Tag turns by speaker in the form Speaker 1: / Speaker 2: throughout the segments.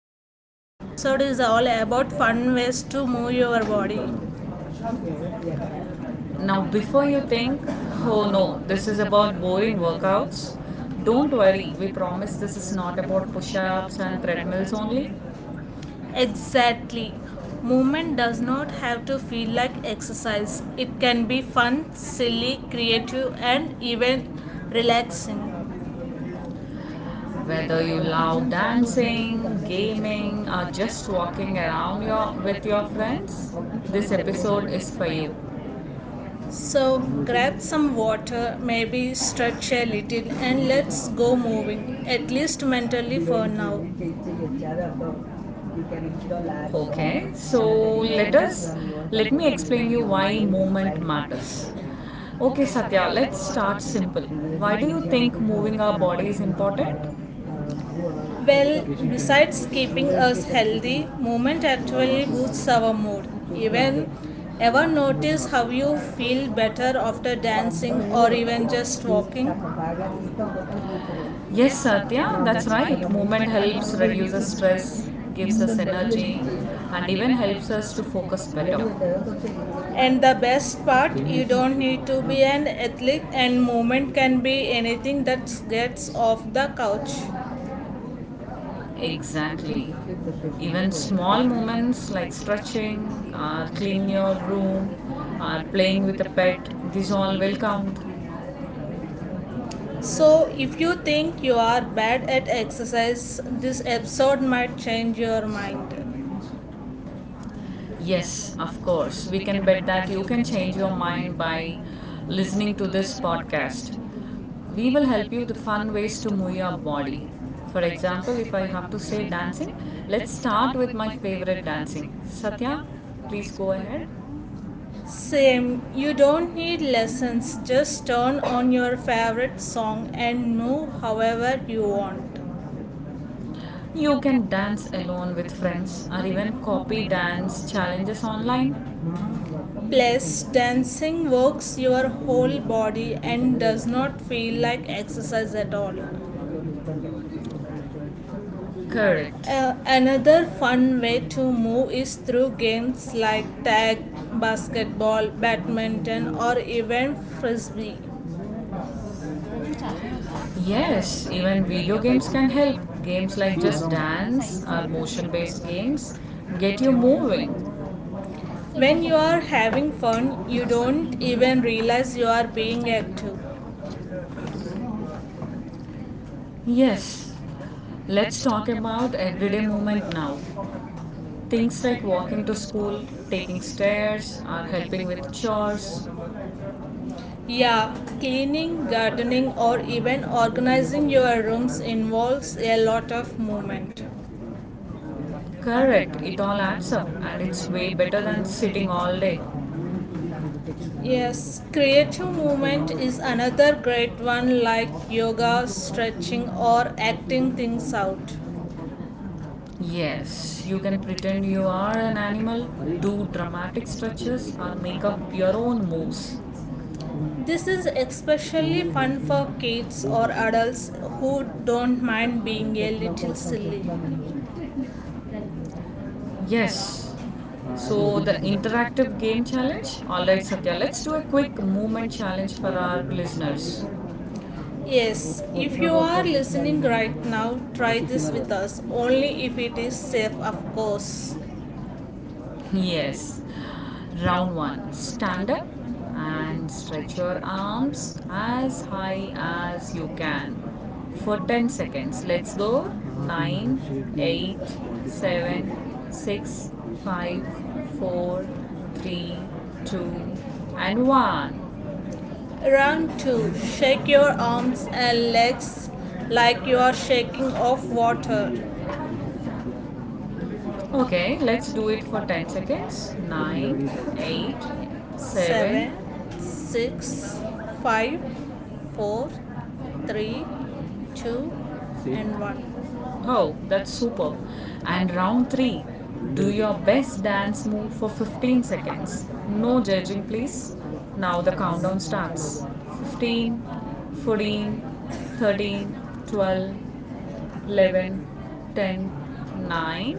Speaker 1: Satya. Today's episode is all about fun ways to move your body.
Speaker 2: Now, before you think, oh no, this is about boring workouts, don't worry. We promise this is not about push ups and treadmills only.
Speaker 1: Exactly. Movement does not have to feel like exercise, it can be fun, silly, creative, and even relaxing.
Speaker 2: Whether you love dancing, gaming, or just walking around with your friends, this episode is for you.
Speaker 1: So, grab some water, maybe stretch a little, and let's go moving, at least mentally for now.
Speaker 2: Okay, so let me explain you why movement matters. Okay, Satya, let's start simple. Why do you think moving our body is important?
Speaker 1: Well, besides keeping us healthy, movement actually boosts our mood. Even ever notice how you feel better after dancing or even just walking?
Speaker 2: Yes, Satya, that's right. Movement helps reduce us stress, gives us energy, and even helps us to focus better.
Speaker 1: And the best part, you don't need to be an athlete and movement can be anything that gets off the couch.
Speaker 2: Exactly. Even small moments like stretching, or cleaning your room, or playing with a pet, these all will count.
Speaker 1: So, if you think you are bad at exercise, this episode might change your mind.
Speaker 2: Yes, of course. We can bet that you can change your mind by listening to this podcast. We will help you the fun ways to move your body. For example, if I have to say dancing, let's start with my favorite dancing. Satya, please go ahead.
Speaker 1: Same, you don't need lessons, just turn on your favorite song and move however you want.
Speaker 2: You can dance alone with friends or even copy dance challenges online.
Speaker 1: Plus, dancing works your whole body and does not feel like exercise at all.
Speaker 2: Correct.
Speaker 1: Another fun way to move is through games like tag, basketball, badminton, or even frisbee.
Speaker 2: Yes, even video games can help. Games like Just Dance or motion based games get you moving.
Speaker 1: When you are having fun, you don't even realize you are being active.
Speaker 2: Yes, let's talk about everyday movement now. Things like walking to school, taking stairs, or helping with chores.
Speaker 1: Yeah, cleaning, gardening, or even organizing your rooms involves a lot of movement.
Speaker 2: Correct, it all adds up and it's way better than sitting all day.
Speaker 1: Yes, creative movement is another great one, like yoga, stretching, or acting things out.
Speaker 2: Yes, you can pretend you are an animal, do dramatic stretches, or make up your own moves.
Speaker 1: This is especially fun for kids or adults who don't mind being a little silly.
Speaker 2: Yes. So the interactive game challenge. All right, Satya, let's do a quick movement challenge for our listeners.
Speaker 1: Yes, if you are listening right now, try this with us, only if it is safe, of course.
Speaker 2: Yes. Round one, stand up and stretch your arms as high as you can for 10 seconds. Let's go. 9, 8, 7, 6, 5, 4, 3, 2, and 1.
Speaker 1: Round 2, shake your arms and legs like you are shaking off water.
Speaker 2: Okay, let's do it for 10 seconds. 9, 8,
Speaker 1: Eight,
Speaker 2: 7.
Speaker 1: 7, six, five, four, three, two, and 1.
Speaker 2: Oh, that's superb. And round three, do your best dance move for 15 seconds. No judging, please. Now the countdown starts. 15, 14, 13, 12, 11, 10, 9,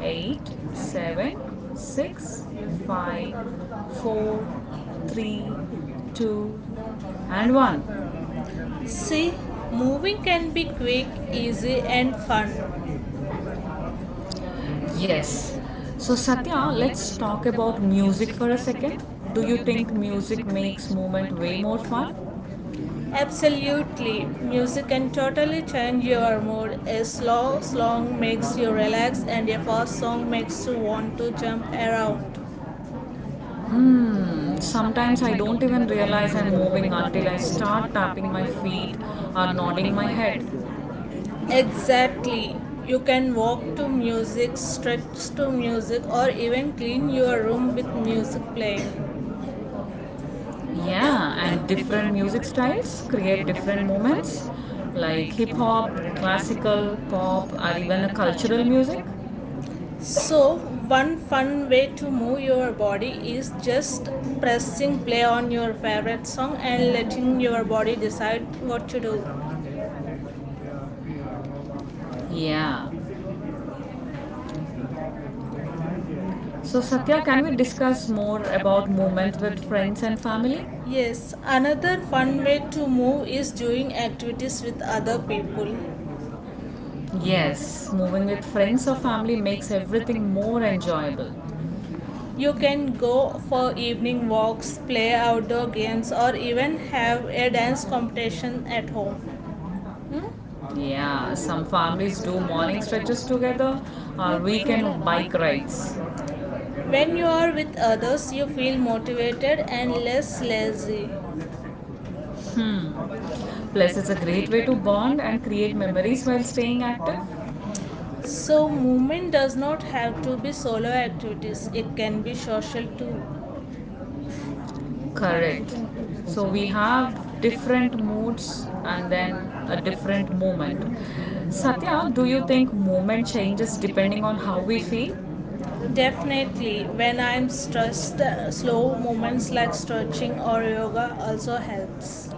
Speaker 2: 8, 7, 6, 5, 4, 3, 2, and 1.
Speaker 1: See, moving can be quick, easy, and fun.
Speaker 2: Yes. So, Satya, let's talk about music for a second. Do you think music makes movement way more fun?
Speaker 1: Absolutely. Music can totally change your mood. A slow song makes you relax, and a fast song makes you want to jump around.
Speaker 2: Hmm, sometimes I don't even realize I'm moving until I start tapping my feet or nodding my head.
Speaker 1: Exactly. You can walk to music, stretch to music, or even clean your room with music playing.
Speaker 2: Yeah, and different music styles create different movements like hip hop, classical, pop, or even a cultural music.
Speaker 1: So, one fun way to move your body is just pressing play on your favorite song and letting your body decide what to do.
Speaker 2: Yeah. So, Satya, can we discuss more about movement with friends and family?
Speaker 1: Yes, another fun way to move is doing activities with other people.
Speaker 2: Yes, moving with friends or family makes everything more enjoyable.
Speaker 1: You can go for evening walks, play outdoor games, or even have a dance competition at home.
Speaker 2: Yeah, some families do morning stretches together or weekend bike rides.
Speaker 1: When you are with others, you feel motivated and less lazy.
Speaker 2: Hmm. Plus, it's a great way to bond and create memories while staying active.
Speaker 1: So, movement does not have to be solo activities, it can be social too.
Speaker 2: Correct. So, we have different moods and then a different moment. Satya, do you think moment changes depending on how we feel?
Speaker 1: Definitely, when I'm stressed, slow movements like stretching or yoga also helps.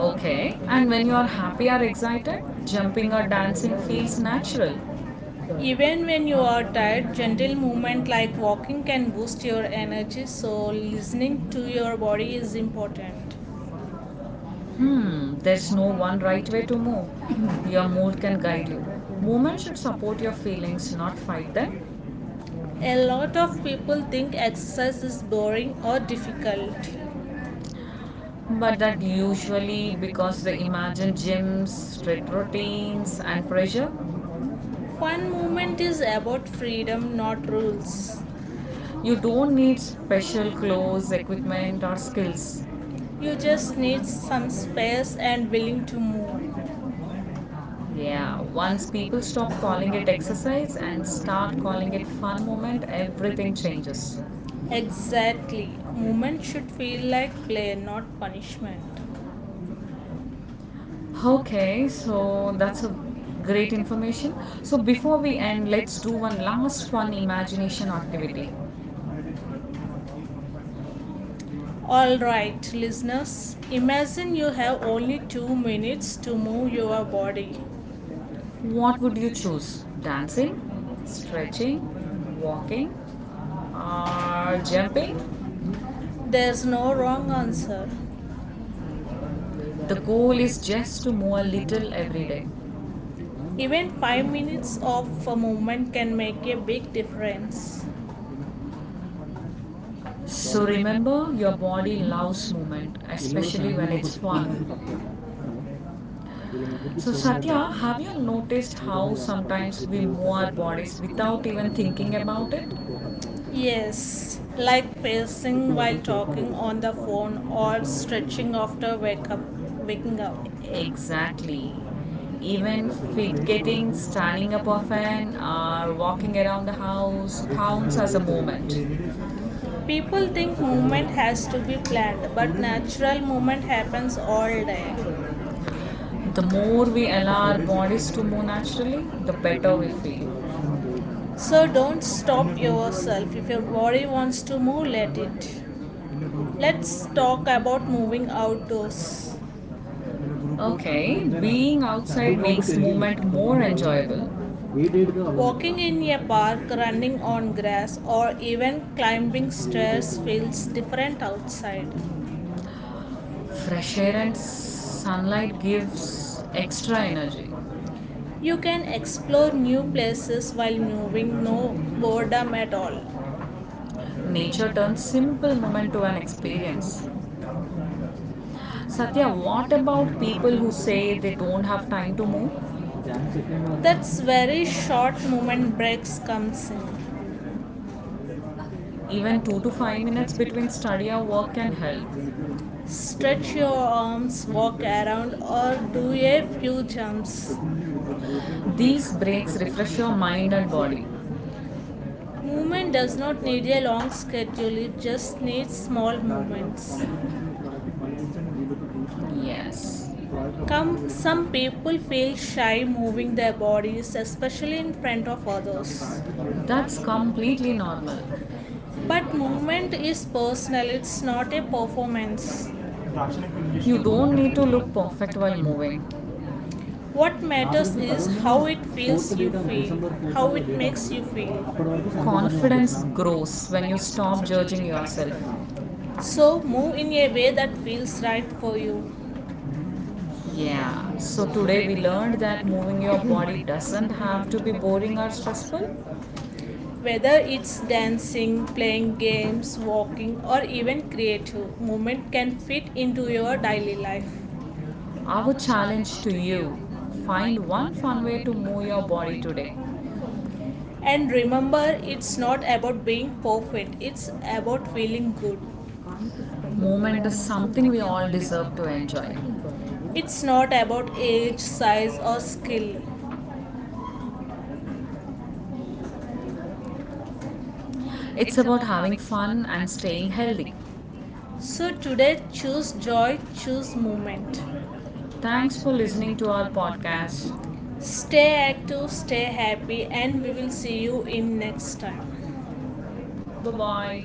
Speaker 2: Okay. And when you are happy or excited, jumping or dancing feels natural.
Speaker 1: Even when you are tired, gentle movement like walking can boost your energy, so listening to your body is important.
Speaker 2: Hmm, there's no one right way to move. Your mood can guide you. Movement should support your feelings, not fight them.
Speaker 1: A lot of people think exercise is boring or difficult.
Speaker 2: But that usually because the imagine gyms, strict routines, and pressure.
Speaker 1: Fun movement is about freedom, not rules.
Speaker 2: You don't need special clothes, equipment, or skills.
Speaker 1: You just need some space and willing to move.
Speaker 2: Yeah, once people stop calling it exercise and start calling it fun moment, everything changes.
Speaker 1: Exactly. Movement should feel like play, not punishment.
Speaker 2: Okay, so that's a great information. So before we end, let's do one last fun imagination activity.
Speaker 1: Alright, listeners, imagine you have only 2 minutes to move your body.
Speaker 2: What would you choose? Dancing, stretching, walking, or jumping?
Speaker 1: There's no wrong answer.
Speaker 2: The goal is just to move a little every day.
Speaker 1: Even 5 minutes of movement can make a big difference.
Speaker 2: So remember, your body loves movement, especially when it's fun. So Satya, have you noticed how sometimes we move our bodies without even thinking about it?
Speaker 1: Yes, like pacing while talking on the phone or stretching after waking up.
Speaker 2: Exactly. Even with getting standing up often or walking around the house counts as a movement.
Speaker 1: People think movement has to be planned, but natural movement happens all day.
Speaker 2: The more we allow our bodies to move naturally, the better we feel.
Speaker 1: So don't stop yourself. If your body wants to move, let it. Let's talk about moving outdoors.
Speaker 2: Okay, being outside makes movement more enjoyable.
Speaker 1: Walking in a park, running on grass, or even climbing stairs feels different outside.
Speaker 2: Fresh air and sunlight gives extra energy.
Speaker 1: You can explore new places while moving, no boredom at all.
Speaker 2: Nature turns simple movement to an experience. Satya, what about people who say they don't have time to move?
Speaker 1: That's where short movement breaks comes in.
Speaker 2: Even 2 to 5 minutes between study or work can help.
Speaker 1: Stretch your arms, walk around or do a few jumps.
Speaker 2: These breaks refresh your mind and body.
Speaker 1: Movement does not need a long schedule, it just needs small movements.
Speaker 2: Yes,
Speaker 1: Come some people feel shy moving their bodies, especially in front of others.
Speaker 2: that's completely normal.
Speaker 1: But movement is personal, it's not a performance.
Speaker 2: You don't need to look perfect while moving.
Speaker 1: What matters is how it makes you feel.
Speaker 2: Confidence grows when you stop judging yourself.
Speaker 1: So move in a way that feels right for you.
Speaker 2: Yeah, so today we learned that moving your body doesn't have to be boring or stressful.
Speaker 1: Whether it's dancing, playing games, walking, or even creative, movement can fit into your daily life.
Speaker 2: Our challenge to you, find one fun way to move your body today.
Speaker 1: And remember, it's not about being perfect, it's about feeling good.
Speaker 2: Movement is something we all deserve to enjoy.
Speaker 1: It's not about age, size, or skill.
Speaker 2: It's about having fun and staying healthy.
Speaker 1: So today, choose joy, choose movement.
Speaker 2: Thanks for listening to our podcast.
Speaker 1: Stay active, stay happy, and we will see you in next time.
Speaker 2: Bye bye.